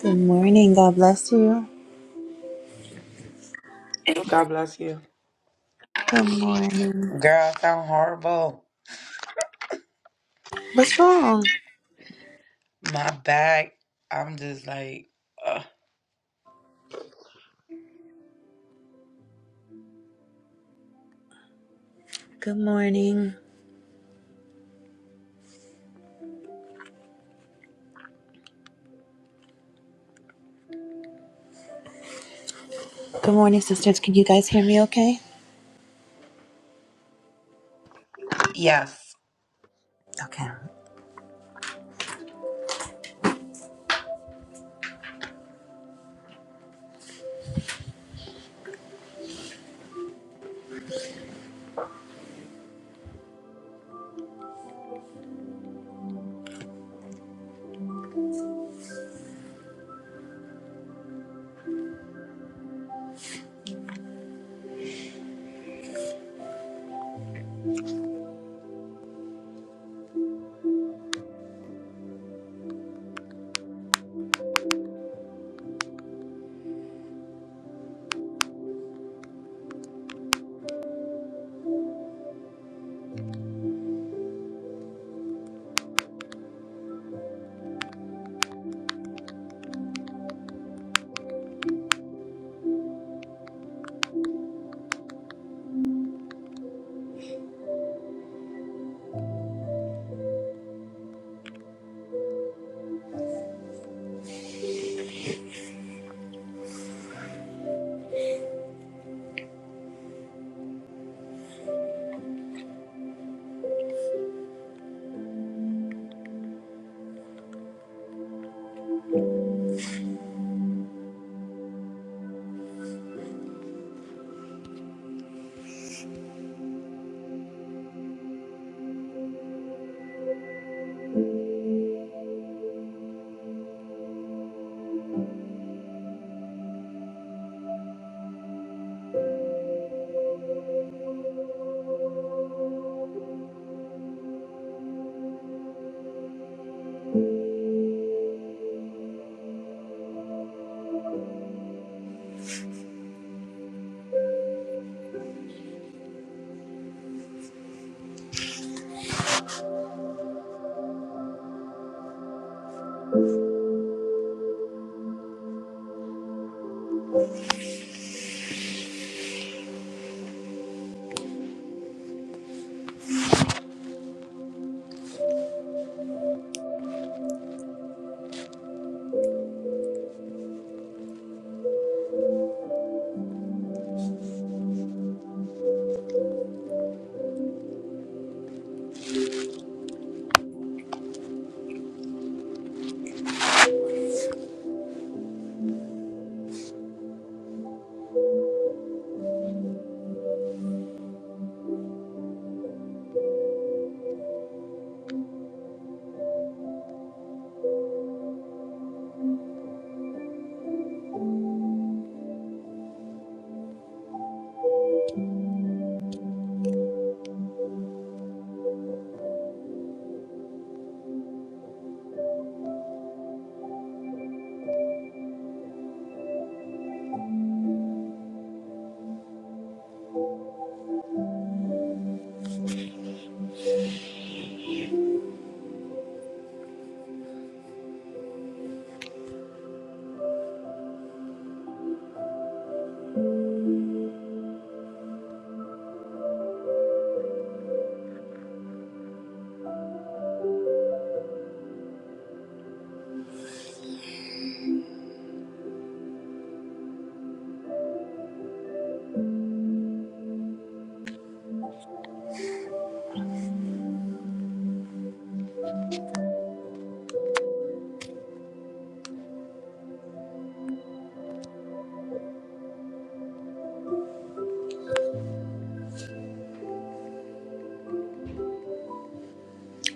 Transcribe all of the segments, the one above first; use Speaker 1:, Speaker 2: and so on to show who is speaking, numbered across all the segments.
Speaker 1: Good morning. God bless you.
Speaker 2: God bless you.
Speaker 1: Good morning.
Speaker 2: Girl, I sound horrible.
Speaker 1: What's wrong?
Speaker 2: My back, I'm just like, uh,
Speaker 1: Good morning. Good morning, sisters. Can you guys hear me okay?
Speaker 2: yes.
Speaker 1: Okay.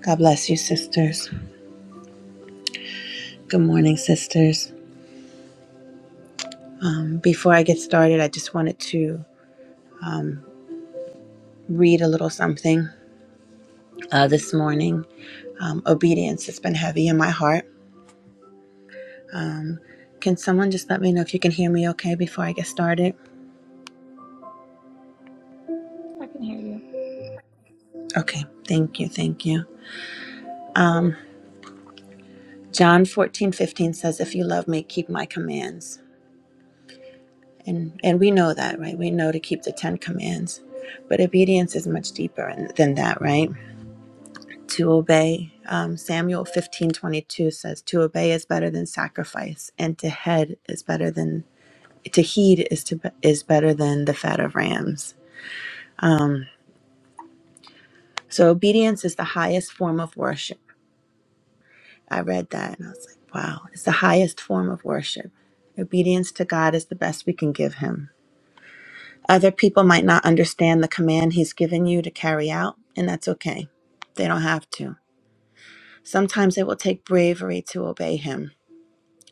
Speaker 1: God bless you, sisters. Good morning, sisters. Um, before I get started, I just wanted to read a little something uh, this morning. Um, obedience has been heavy in my heart. Can someone just let me know if you can hear me okay before I get started?
Speaker 3: I can hear you.
Speaker 1: Okay. Thank you. Thank you. Um, John 14:15 says, If you love me, keep my commands. And, and we know that, right? We know to keep the Ten Commands. But obedience is much deeper in- than that, right? To obey, um, Samuel fifteen twenty two says, to obey is better than sacrifice, and to head is better than, to heed is, to, is better than the fat of rams. Um, so obedience is the highest form of worship. I read that and I was like, wow, it's the highest form of worship. Obedience to God is the best we can give Him Other people might not understand the command He's given you to carry out, and that's okay. They don't have to. Sometimes it will take bravery to obey Him,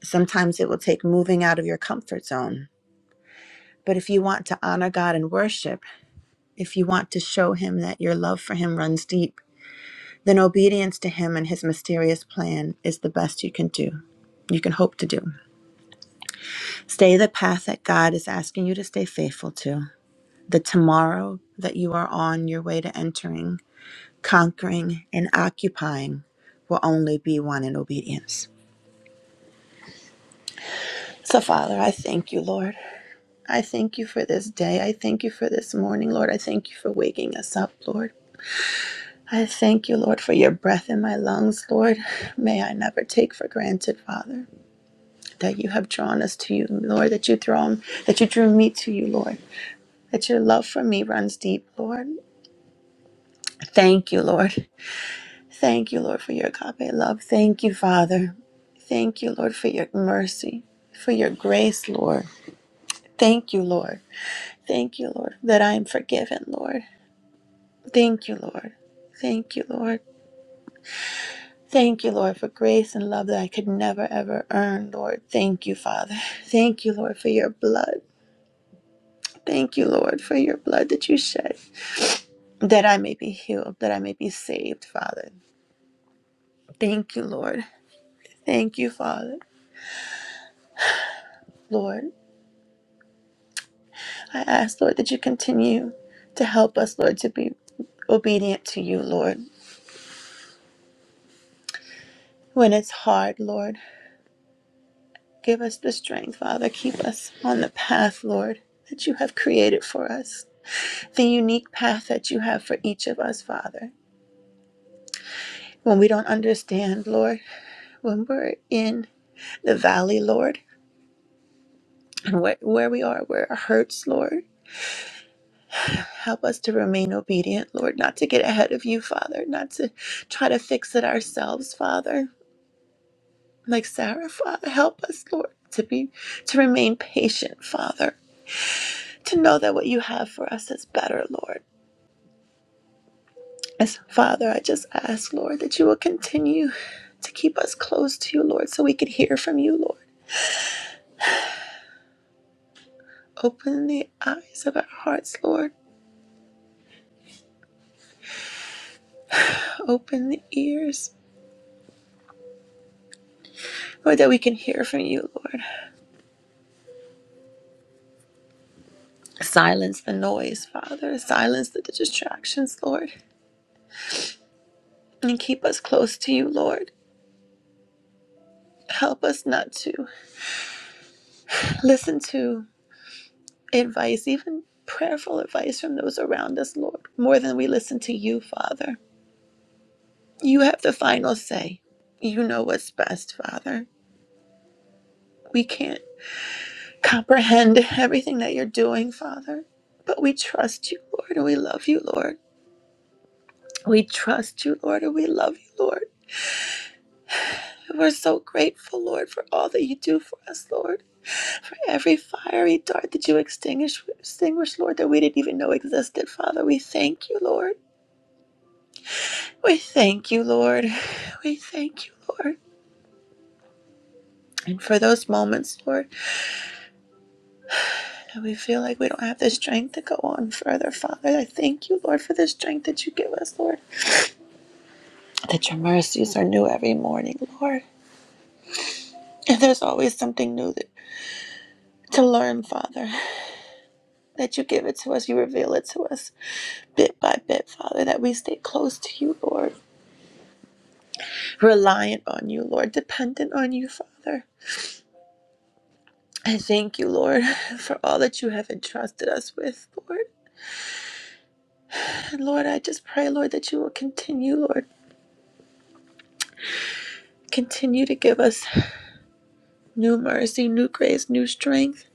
Speaker 1: sometimes it will take moving out of your comfort zone. But if you want to honor God and worship, if you want to show Him that your love for Him runs deep, then obedience to Him and His mysterious plan is the best you can do. You can hope to do. Stay the path that God is asking you to stay faithful to. The tomorrow that you are on your way to entering Conquering and occupying will only be one in obedience. So, Father, I thank you, Lord. I thank you for this day. I thank you for this morning, Lord. I thank you for waking us up, Lord. I thank you, Lord, for your breath in my lungs, Lord. May I never take for granted, Father, that you have drawn us to you, Lord, that you draw that you drew me to you, Lord. That your love for me runs deep, Lord. Thank you, Lord. Thank you, Lord, for your agape love. Thank you, Father. Thank you, Lord, for your mercy, for your grace, Lord. Thank you, Lord. Thank you, Lord, that I am forgiven, Lord. Thank you, Lord. Thank you, Lord. Thank you, Lord, for grace and love that I could never, ever earn, Lord. Thank you, Father. Thank you, Lord, for your blood. Thank you, Lord, for your blood that you shed, that I may be healed, that I may be saved, Father. Thank you, Lord. Thank you, Father, Lord. I ask, Lord, that you continue to help us, Lord, to be obedient to you, Lord. When it's hard, Lord, give us the strength, Father. Keep us on the path, Lord, that you have created for us, the unique path that you have for each of us, Father. When we don't understand, Lord, when we're in the valley, Lord, and where, where we are, where it hurts, Lord, help us to remain obedient, Lord, not to get ahead of you, Father, not to try to fix it ourselves, Father like Sarah, Father. Help us, Lord, to be to remain patient, Father. To know that what you have for us is better, Lord. As Father, I just ask, Lord, that you will continue to keep us close to you, Lord, so we could hear from you, Lord. Open the eyes of our hearts, Lord. Open the ears, Lord, that we can hear from you, Lord. Silence the noise, Father. Silence the distractions, Lord. And keep us close to you, Lord. Help us not to listen to advice, even prayerful advice from those around us, Lord, more than we listen to you, Father. You have the final say. You know what's best, Father. We can't comprehend everything that you're doing, Father, but we trust you, Lord, and we love you, Lord. We trust you, Lord, and we love you, Lord. We're so grateful, Lord, for all that you do for us, Lord. For every fiery dart that you extinguish, extinguish, Lord, that we didn't even know existed, Father. We thank you, Lord. We thank you, Lord. We thank you, Lord. And for those moments, Lord, that we feel like we don't have the strength to go on further, Father, I thank you, Lord, for the strength that you give us, Lord, that your mercies are new every morning, Lord. And there's always something new that, to learn, Father, that you give it to us, you reveal it to us bit by bit, Father, that we stay close to you, Lord, reliant on you, Lord, dependent on you, Father. I thank you, Lord, for all that you have entrusted us with, Lord. And Lord, I just pray, Lord, that you will continue, Lord, continue to give us new mercy, new grace, new strength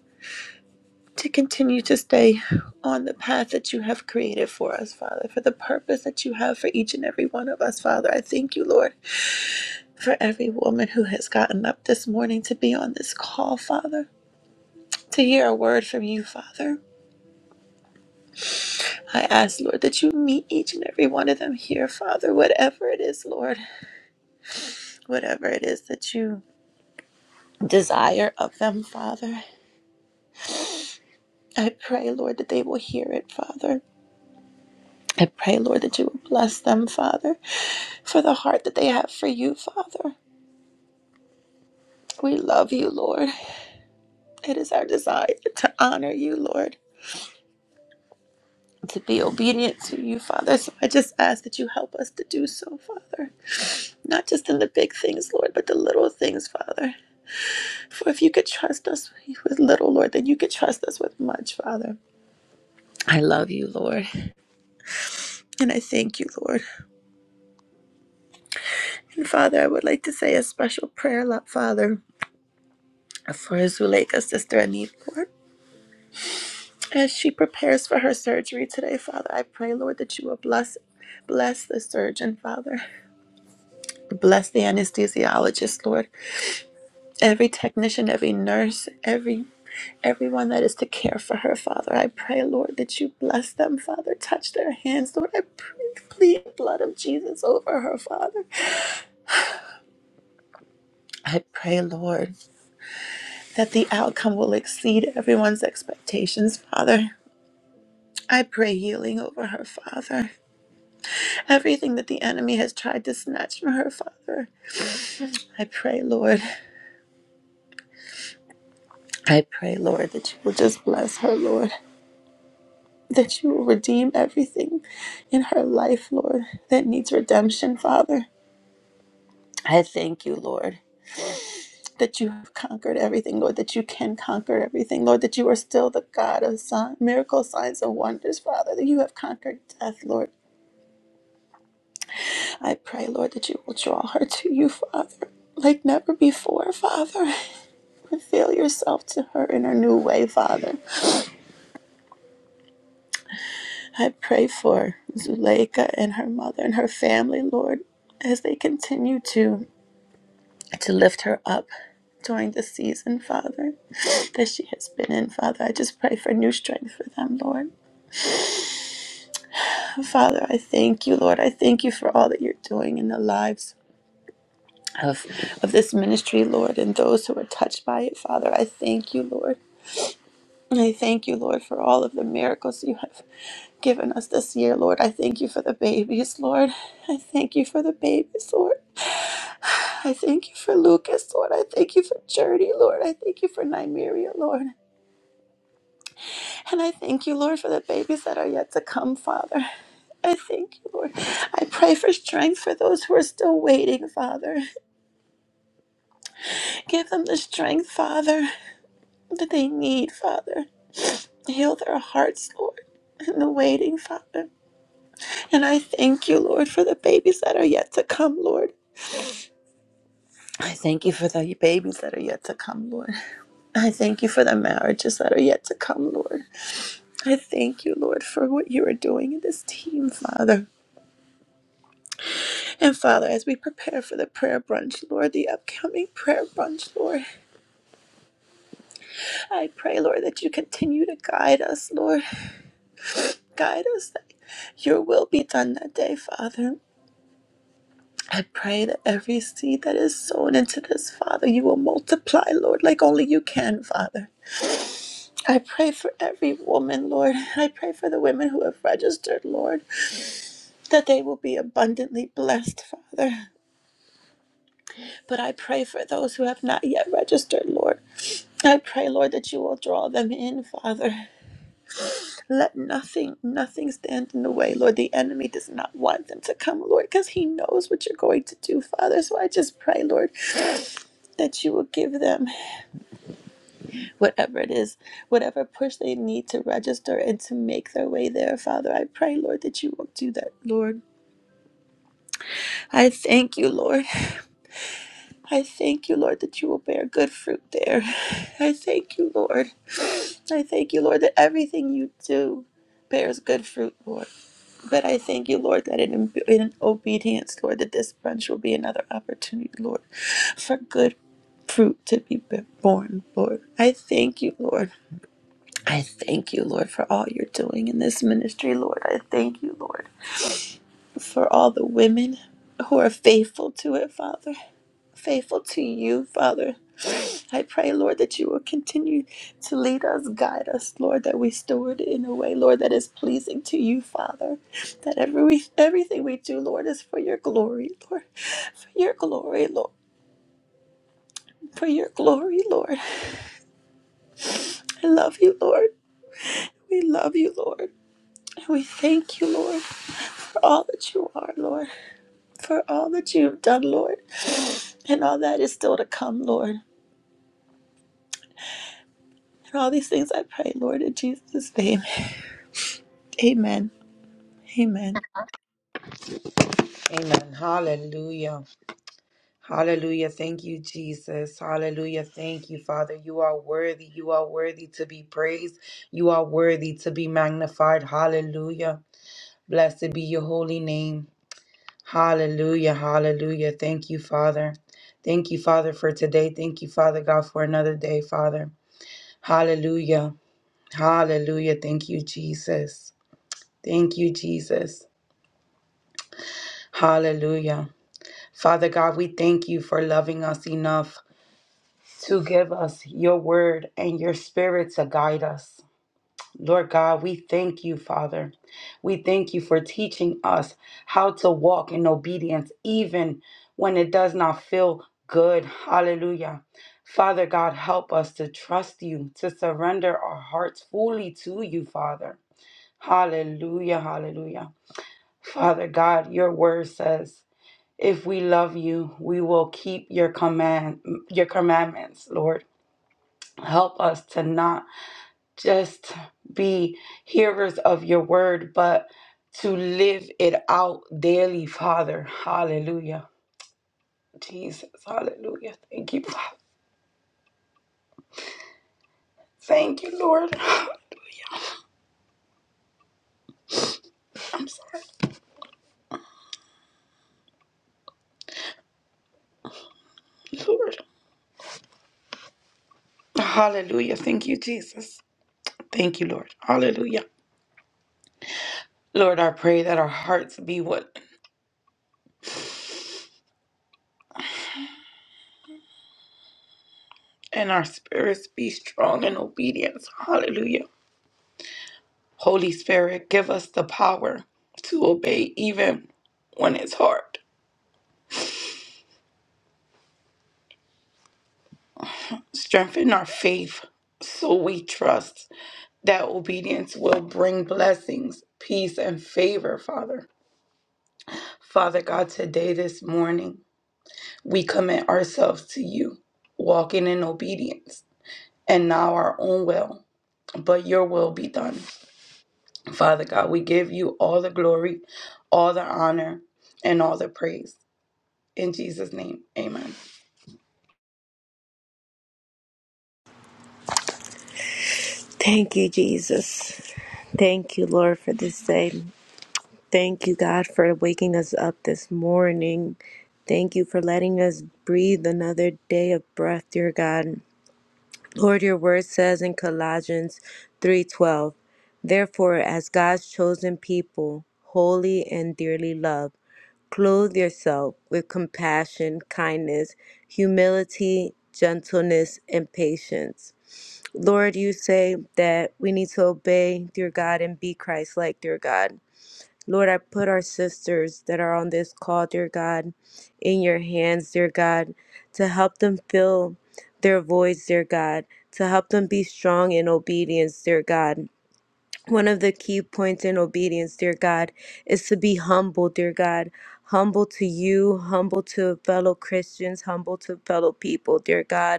Speaker 1: to continue to stay on the path that you have created for us, Father, for the purpose that you have for each and every one of us, Father. I thank you, Lord, for every woman who has gotten up this morning to be on this call, Father, to hear a word from you, Father. I ask, Lord, that you meet each and every one of them here, Father, whatever it is, Lord, whatever it is that you desire of them, Father. I pray, Lord, that they will hear it, Father. I pray, Lord, that you will bless them, Father, for the heart that they have for you, Father. We love you, Lord. It is our desire to honor you, Lord, to be obedient to you, Father. So I just ask that you help us to do so, Father. Not just in the big things, Lord, but the little things, Father. For if you could trust us with little, Lord, then you could trust us with much, Father. I love you, Lord, and I thank you, Lord. And Father, I would like to say a special prayer, Father for Zuleika's sister Anita, As she prepares for her surgery today, Father, I pray, Lord, that you will bless bless the surgeon, Father. Bless the anesthesiologist, Lord. Every technician, every nurse, every everyone that is to care for her, Father. I pray, Lord, that you bless them, Father. Touch their hands, Lord. I pray, plead the blood of Jesus over her, Father. I pray, Lord, that the outcome will exceed everyone's expectations, Father. I pray healing over her, Father. everything that the enemy has tried to snatch from her, Father. I pray, Lord, I pray, Lord, that you will just bless her, Lord, that you will redeem everything in her life, Lord, that needs redemption, Father. I thank you, Lord, that you have conquered everything, Lord, that you can conquer everything, Lord, that you are still the God of sign, miracles, signs, and wonders, Father, that you have conquered death, Lord. I pray, Lord, that you will draw her to you, Father, like never before, Father. Reveal yourself to her in her new way, Father. I pray for Zuleika and her mother and her family, Lord, as they continue to, to lift her up during the season, Father, that she has been in, Father. I just pray for new strength for them, Lord. Father, I thank you, Lord. I thank you for all that you're doing in the lives of, of this ministry, Lord, and those who are touched by it, Father. I thank you, Lord. I thank you, Lord, for all of the miracles you have given us this year, Lord. I thank you for the babies, Lord. I thank you for the babies, Lord. I thank you for Lucas, Lord. I thank you for Journey, Lord. I thank you for Nymeria, Lord. And I thank you, Lord, for the babies that are yet to come, Father. I thank you, Lord. I pray for strength for those who are still waiting, Father. Give them the strength, Father, that they need, Father. Heal their hearts, Lord, in the waiting, Father. And I thank you, Lord, for the babies that are yet to come, Lord. I thank you for the babies that are yet to come, Lord. I thank you for the marriages that are yet to come, Lord. I thank you, Lord, for what you are doing in this team, Father. And Father, as we prepare for the prayer brunch, Lord, the upcoming prayer brunch, Lord, I pray, Lord, that you continue to guide us, Lord. Guide us that your will be done that day, Father. I pray that every seed that is sown into this, Father, you will multiply, Lord, like only you can, Father. I pray for every woman, Lord. I pray for the women who have registered, Lord, that they will be abundantly blessed, Father. But I pray for those who have not yet registered, Lord. I pray, Lord, that you will draw them in, Father. Let nothing, nothing stand in the way, Lord. The enemy does not want them to come, Lord, because he knows what you're going to do, Father. So I just pray, Lord, that you will give them. whatever it is, whatever push they need to register and to make their way there, Father. I pray, Lord, that you will do that, Lord. I thank you, Lord. I thank you, Lord, that you will bear good fruit there. I thank you, Lord. I thank you, Lord, that everything you do bears good fruit, Lord. But I thank you, Lord, that in, in obedience, Lord, that this branch will be another opportunity, Lord, for good fruit to be born, Lord. I thank you, Lord. I thank you, Lord, for all you're doing in this ministry, Lord. I thank you, Lord, for all the women who are faithful to it, Father, faithful to you, Father. I pray, Lord, that you will continue to lead us, guide us, Lord, that we steward it in a way, Lord, that is pleasing to you, Father. That every everything we do, Lord, is for your glory, Lord. For your glory, Lord. For your glory, Lord. I love you, Lord. We love you, Lord. And we thank you, Lord. all that you are, Lord, for all that you've done, Lord, and all that is still to come, Lord. And all these things I pray, Lord, in Jesus' name. Amen. Amen.
Speaker 2: Amen. Hallelujah. Hallelujah. Thank you, Jesus. Hallelujah. Thank you, Father. You are worthy. You are worthy to be praised. You are worthy to be magnified. Hallelujah. Blessed be your holy name. Hallelujah. Hallelujah. Thank you, Father. Thank you, Father, for today. Thank you, Father God, for another day, Father. Hallelujah. Hallelujah. Thank you, Jesus. Thank you, Jesus. Hallelujah. Father God, we thank you for loving us enough to give us your word and your spirit to guide us. Lord God, we thank you, Father. We thank you for teaching us how to walk in obedience, even when it does not feel good. Hallelujah. Father God, help us to trust you, to surrender our hearts fully to you, Father. Hallelujah, hallelujah. Father God, your word says, if we love you, we will keep your command your commandments, Lord. Help us to not just be hearers of your word, but to live it out daily, Father. Hallelujah. Jesus, hallelujah. Thank you, Father. Thank you, Lord. I'm sorry, Lord. Hallelujah. Thank you, Jesus. Thank you, Lord. Hallelujah. Lord, I pray that our hearts be what and our spirits be strong in obedience. Hallelujah. Holy Spirit, give us the power to obey even when it's hard. Strengthen our faith so we trust that obedience will bring blessings, peace, and favor, Father. Father God, today, this morning, we commit ourselves to you, walking in obedience and not our own will, but your will be done. Father God, we give you all the glory, all the honor, and all the praise. In Jesus' name, amen.
Speaker 4: Thank you, Jesus. Thank you, Lord, for this day. Thank you, God, for waking us up this morning. Thank you for letting us breathe another day of breath, dear God. Lord, your word says in Colossians 3:12, "Therefore, as God's chosen people, holy and dearly loved, Clothe yourself with compassion, kindness, humility, gentleness, and patience. Lord, you say that we need to obey, dear God, and be Christ like, dear God. Lord, I put our sisters that are on this call, dear God, in your hands, dear God, to help them fill their voice, dear God, to help them be strong in obedience, dear God. One of the key points in obedience, dear God, is to be humble, dear God. Humble to you, humble to fellow Christians, humble to fellow people, dear God.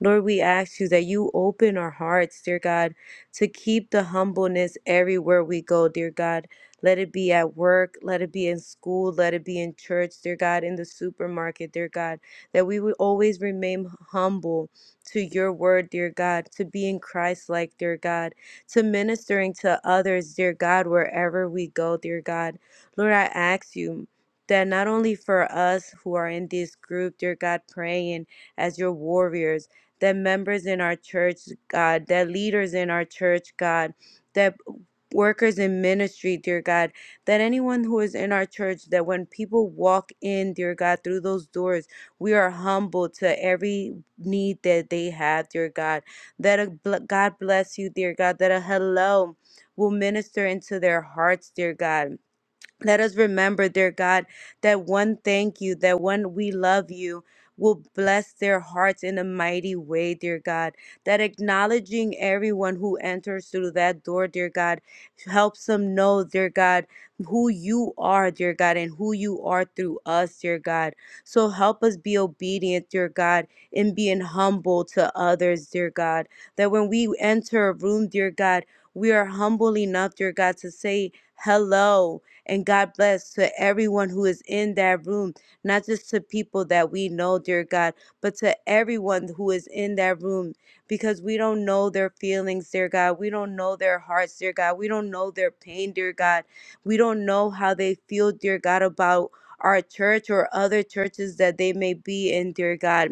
Speaker 4: Lord, we ask you that you open our hearts, dear God, to keep the humbleness everywhere we go, dear God. Let it be at work, let it be in school, let it be in church, dear God, in the supermarket, dear God, that we would always remain humble to your word, dear God, to be in Christ like, dear God, to ministering to others, dear God, wherever we go, dear God. Lord, I ask you that not only for us who are in this group, dear God, praying as your warriors, that members in our church, God, that leaders in our church, God, that workers in ministry, dear God, that anyone who is in our church, that when people walk in, dear God, through those doors, we are humble to every need that they have, dear God. That a bl- God bless you, dear God, that a hello will minister into their hearts, dear God let us remember, dear God, that one thank you, that one we love you will bless their hearts in a mighty way, dear God. That acknowledging everyone who enters through that door, dear God, helps them know, dear God, who you are, dear God, and who you are through us, dear God. So help us be obedient, dear God, in being humble to others, dear God. That when we enter a room, dear God, we are humble enough, dear God, to say hello and God bless to everyone who is in that room, not just to people that we know, dear God, but to everyone who is in that room because we don't know their feelings, dear God. We don't know their hearts, dear God. We don't know their pain, dear God. We don't know how they feel, dear God, about our church or other churches that they may be in, dear God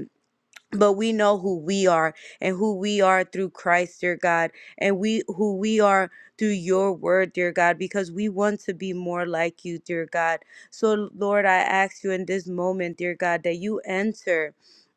Speaker 4: but we know who we are and who we are through Christ, dear God, and we who we are through your word, dear God, because we want to be more like you, dear God. So, Lord, I ask you in this moment, dear God, that you enter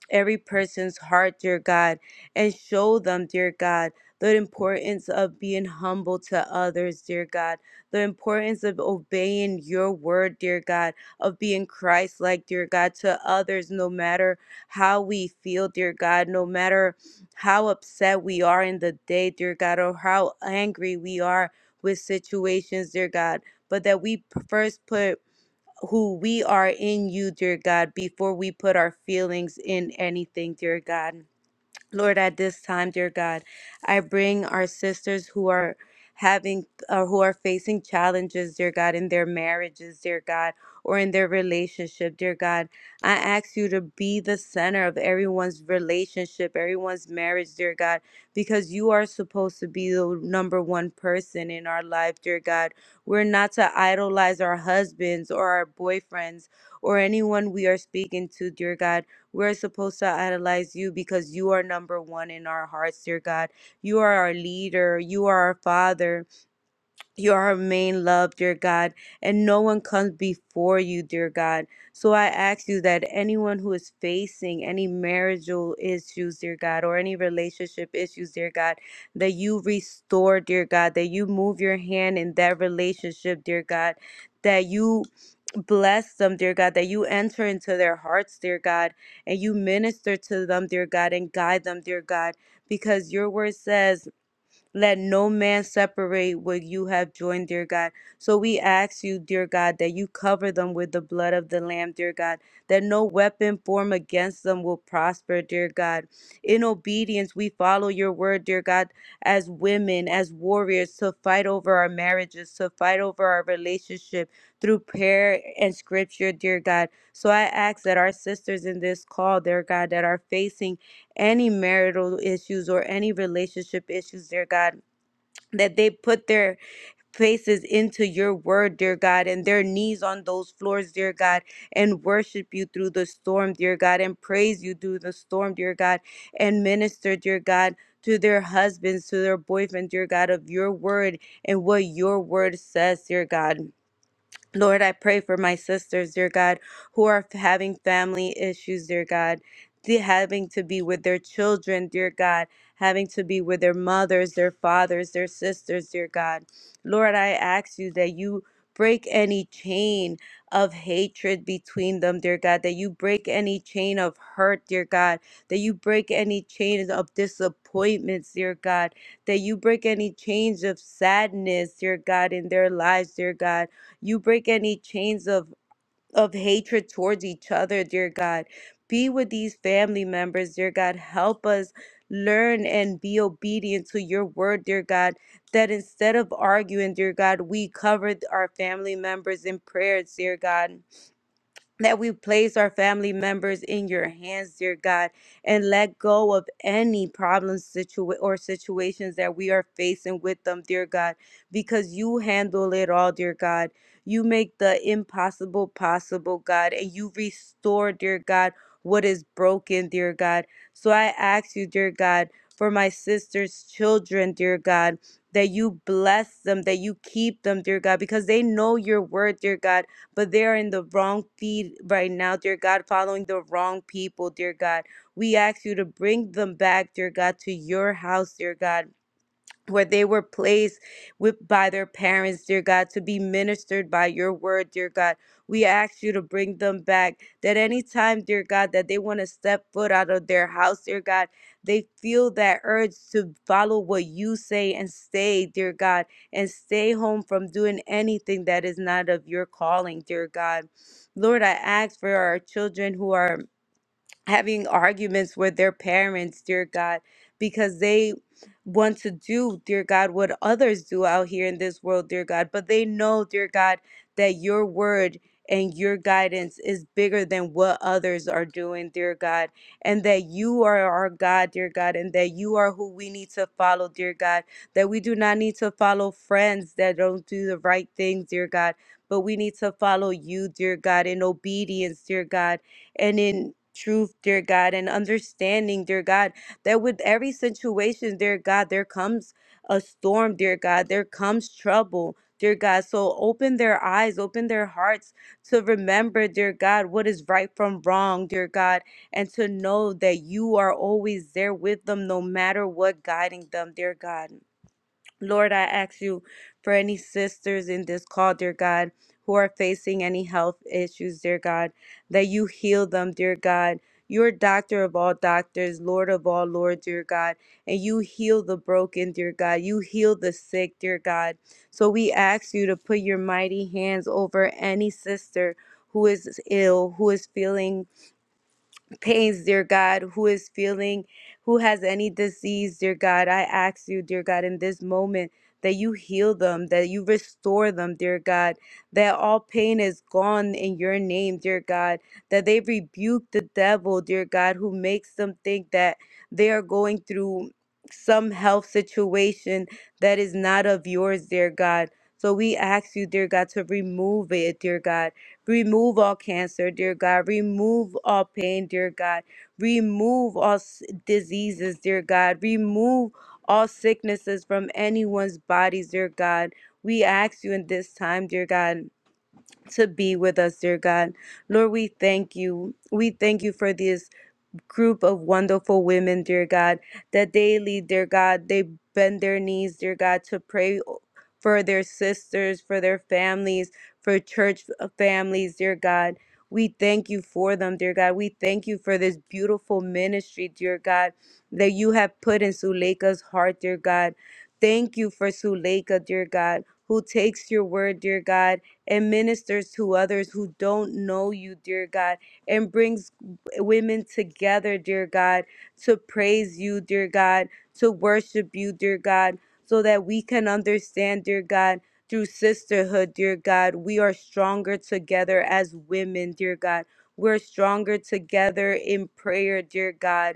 Speaker 4: every person's heart, dear God, and show them, dear God, the importance of being humble to others, dear God, the importance of obeying your word, dear God, of being Christ like, dear God, to others, no matter how we feel, dear God, no matter how upset we are in the day, dear God, or how angry we are with situations, dear God, but that we p- first put who we are in you, dear God, before we put our feelings in anything, dear God. Lord, at this time, dear God, I bring our sisters who are having or who are facing challenges, dear God, in their marriages, dear God, or in their relationship, dear God. I ask you to be the center of everyone's relationship, everyone's marriage, dear God, because you are supposed to be the number one person in our life, dear God. We're not to idolize our husbands or our boyfriends or anyone we are speaking to, dear God we're supposed to idolize you because you are number one in our hearts, dear God. You are our leader. You are our father. You are our main love, dear God. And no one comes before you, dear God. So I ask you that anyone who is facing any marital issues, dear God, or any relationship issues, dear God, that you restore, dear God, that you move your hand in that relationship, dear God. That you Bless them, dear God, that you enter into their hearts, dear God, and you minister to them, dear God, and guide them, dear God, because your word says let no man separate what you have joined, dear God. So we ask you, dear God, that you cover them with the blood of the Lamb, dear God, that no weapon formed against them will prosper, dear God. In obedience, we follow your word, dear God, as women, as warriors, to fight over our marriages, to fight over our relationship through prayer and scripture, dear God. So I ask that our sisters in this call, dear God, that are facing any marital issues or any relationship issues, dear God, that they put their faces into your word, dear God, and their knees on those floors, dear God, and worship you through the storm, dear God, and praise you through the storm, dear God, and minister, dear God. To their husbands, to their boyfriend, dear God, of your word and what your word says, dear God. Lord, I pray for my sisters, dear God, who are having family issues, dear God, the- having to be with their children, dear God, having to be with their mothers, their fathers, their sisters, dear God. Lord, I ask you that you break any chain of hatred between them, dear God, that you break any chain of hurt, dear God, that you break any chain of disappointments, dear God, that you break any chains of sadness, dear God, in their lives, dear God you break any chains of, of hatred towards each other, dear God. Be with these family members, dear God. Help us learn and be obedient to your word, dear God. That instead of arguing, dear God, we cover our family members in prayers, dear God that we place our family members in your hands, dear God, and let go of any problems situa- or situations that we are facing with them, dear God, because you handle it all, dear God. You make the impossible possible, God, and you restore, dear God, what is broken, dear God. So I ask you, dear God, for my sister's children, dear God, that you bless them, that you keep them, dear God, because they know your word, dear God but they're in the wrong feed right now, dear God, following the wrong people, dear God. We ask you to bring them back, dear God, to your house, dear God where they were placed with by their parents, dear God, to be ministered by your word, dear God. We ask you to bring them back. That anytime, dear God, that they want to step foot out of their house, dear God, they feel that urge to follow what you say and stay, dear God, and stay home from doing anything that is not of your calling, dear God. Lord, I ask for our children who are having arguments with their parents, dear God, because they want to do, dear God, what others do out here in this world, dear God. But they know, dear God, that your word and your guidance is bigger than what others are doing, dear God, and that you are our God, dear God, and that you are who we need to follow, dear God, that we do not need to follow friends that don't do the right things, dear God, but we need to follow you, dear God, in obedience, dear God and in truth, dear God, and understanding, dear God, that with every situation, dear God, there comes a storm, dear God, there comes trouble. Dear God, so open their eyes, open their hearts to remember, dear God, what is right from wrong, dear God, and to know that you are always there with them no matter what guiding them, dear God. Lord, I ask you for any sisters in this call, dear God, who are facing any health issues, dear God, that you heal them, dear God. You're doctor of all doctors, Lord of all lords, dear God, and you heal the broken, dear God. You heal the sick, dear God. So we ask you to put your mighty hands over any sister who is ill, who is feeling pains, dear God, who is feeling, who has any disease, dear God. I ask you, dear God, in this moment that you heal them, that you restore them, dear God, that all pain is gone in your name, dear God, that they rebuke the devil, dear God, who makes them think that they are going through some health situation that is not of yours, dear God. So we ask you, dear God, to remove it, dear God Remove all cancer, dear God. Remove all pain, dear God. Remove all s- diseases, dear God. Remove all sicknesses from anyone's bodies, dear God. We ask you in this time, dear God, to be with us, dear God. Lord, we thank you. We thank you for this group of wonderful women, dear God, that daily, dear God, they bend their knees, dear God, to pray for their sisters, for their families, for church uh, families, dear God. We thank you for them, dear God. We thank you for this beautiful ministry, dear God, that you have put in Suleika's heart, dear God. Thank you for Suleika, dear God, who takes your word, dear God, and ministers to others who don't know you, dear God, and brings women together, dear God, to praise you, dear God, to worship you, dear God, so that we can understand, dear God, through sisterhood, dear God, we are stronger together as women, dear God. We're stronger together in prayer, dear God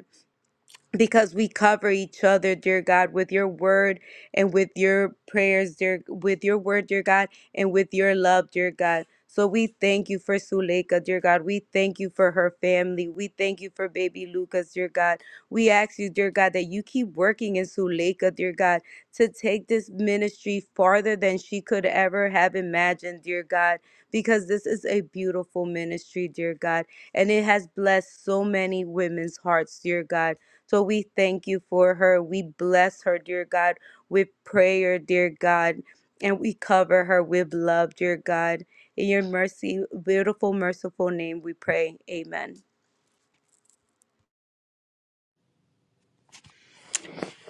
Speaker 4: because we cover each other, dear God, with your word and with your prayers, dear, with your word, dear God, and with your love, dear God. So we thank you for Suleika, dear God. We thank you for her family. We thank you for baby Lucas, dear God. We ask you, dear God, that you keep working in Suleika, dear God, to take this ministry farther than she could ever have imagined, dear God, because this is a beautiful ministry, dear God, and it has blessed so many women's hearts, dear God. So we thank you for her. We bless her, dear God, with prayer, dear God. And we cover her with love, dear God. In your mercy, beautiful, merciful name, we pray. Amen.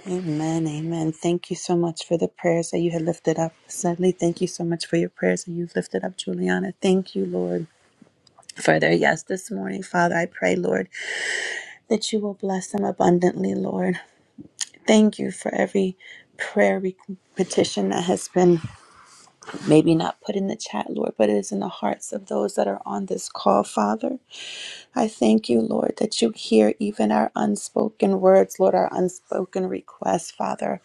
Speaker 1: Amen, amen. Thank you so much for the prayers that you had lifted up. Suddenly, thank you so much for your prayers that you've lifted up, Juliana. Thank you, Lord. For their yes this morning, Father, I pray, Lord, that you will bless them abundantly, Lord. Thank you for every prayer re- petition that has been maybe not put in the chat, Lord, but it is in the hearts of those that are on this call, Father. I thank you, Lord, that you hear even our unspoken words, Lord, our unspoken requests, Father,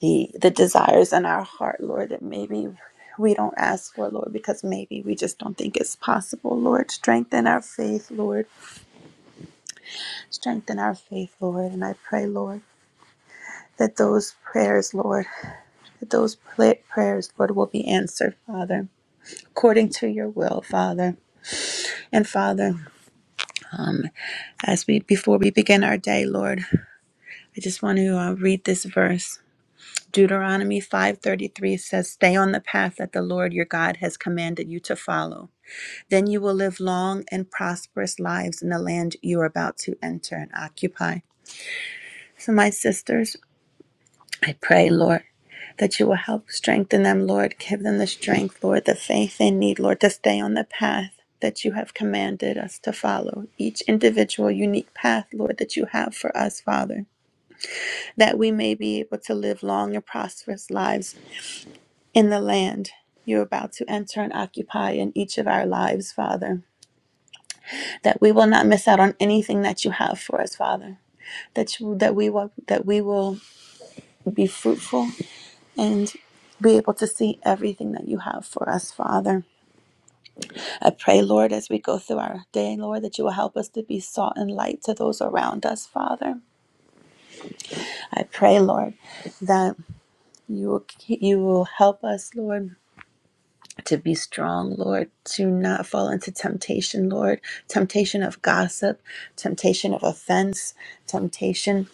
Speaker 1: the, the desires in our heart, Lord, that maybe we don't ask for, Lord, because maybe we just don't think it's possible, Lord. Strengthen our faith, Lord. Strengthen our faith, Lord. And I pray, Lord, that those prayers, Lord, that those pla- prayers, Lord, will be answered, Father, according to your will, Father. And Father, Um, as we before we begin our day, Lord, I just want to uh, read this verse. Deuteronomy 5:33 says, "Stay on the path that the Lord your God has commanded you to follow. Then you will live long and prosperous lives in the land you are about to enter and occupy." So my sisters, I pray, Lord, that you will help strengthen them, Lord. Give them the strength, Lord, the faith they need, Lord, to stay on the path that you have commanded us to follow. Each individual unique path, Lord, that you have for us, Father, that we may be able to live long and prosperous lives in the land. You're about to enter and occupy in each of our lives, Father. That we will not miss out on anything that you have for us, Father. That you, that we will that we will be fruitful and be able to see everything that you have for us, Father. I pray, Lord, as we go through our day, Lord, that you will help us to be salt and light to those around us, Father. I pray, Lord, that you will you will help us, Lord, to be strong, Lord, to not fall into temptation, Lord, temptation of gossip, temptation of offense, temptation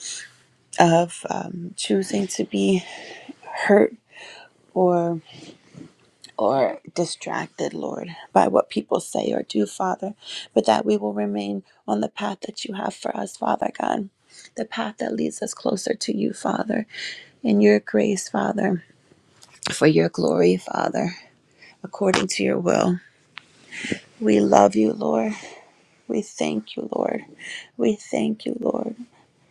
Speaker 1: of um, choosing to be hurt or or distracted, Lord, by what people say or do, Father, but that we will remain on the path that you have for us, Father God, the path that leads us closer to you, Father, in your grace, Father, for your glory, Father, according to your will. We love you, Lord. We thank you, Lord. We thank you, Lord,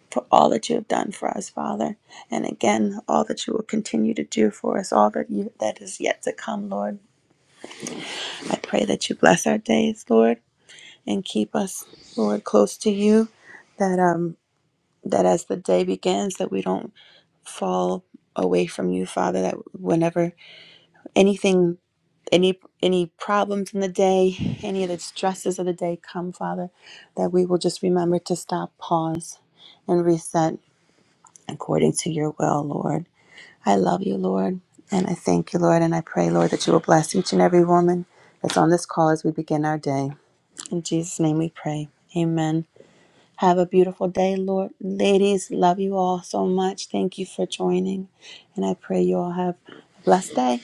Speaker 1: for all that you have done for us, Father. And again, all that you will continue to do for us, all that you that is yet to come, Lord. I pray that you bless our days, Lord. and keep us, Lord, close to you. That um that as the day begins, that we don't fall away from you, Father. That whenever anything, any any problems in the day, any of the stresses of the day come, Father, that we will just remember to stop, pause, and reset according to your will, Lord. I love you, Lord, and I thank you, Lord, and I pray, Lord, that you will bless each and every woman that's on this call as we begin our day. In Jesus' name we pray. Amen. Have a beautiful day, Lord. Ladies, love you all so much. Thank you for joining. And I pray you all have a blessed day.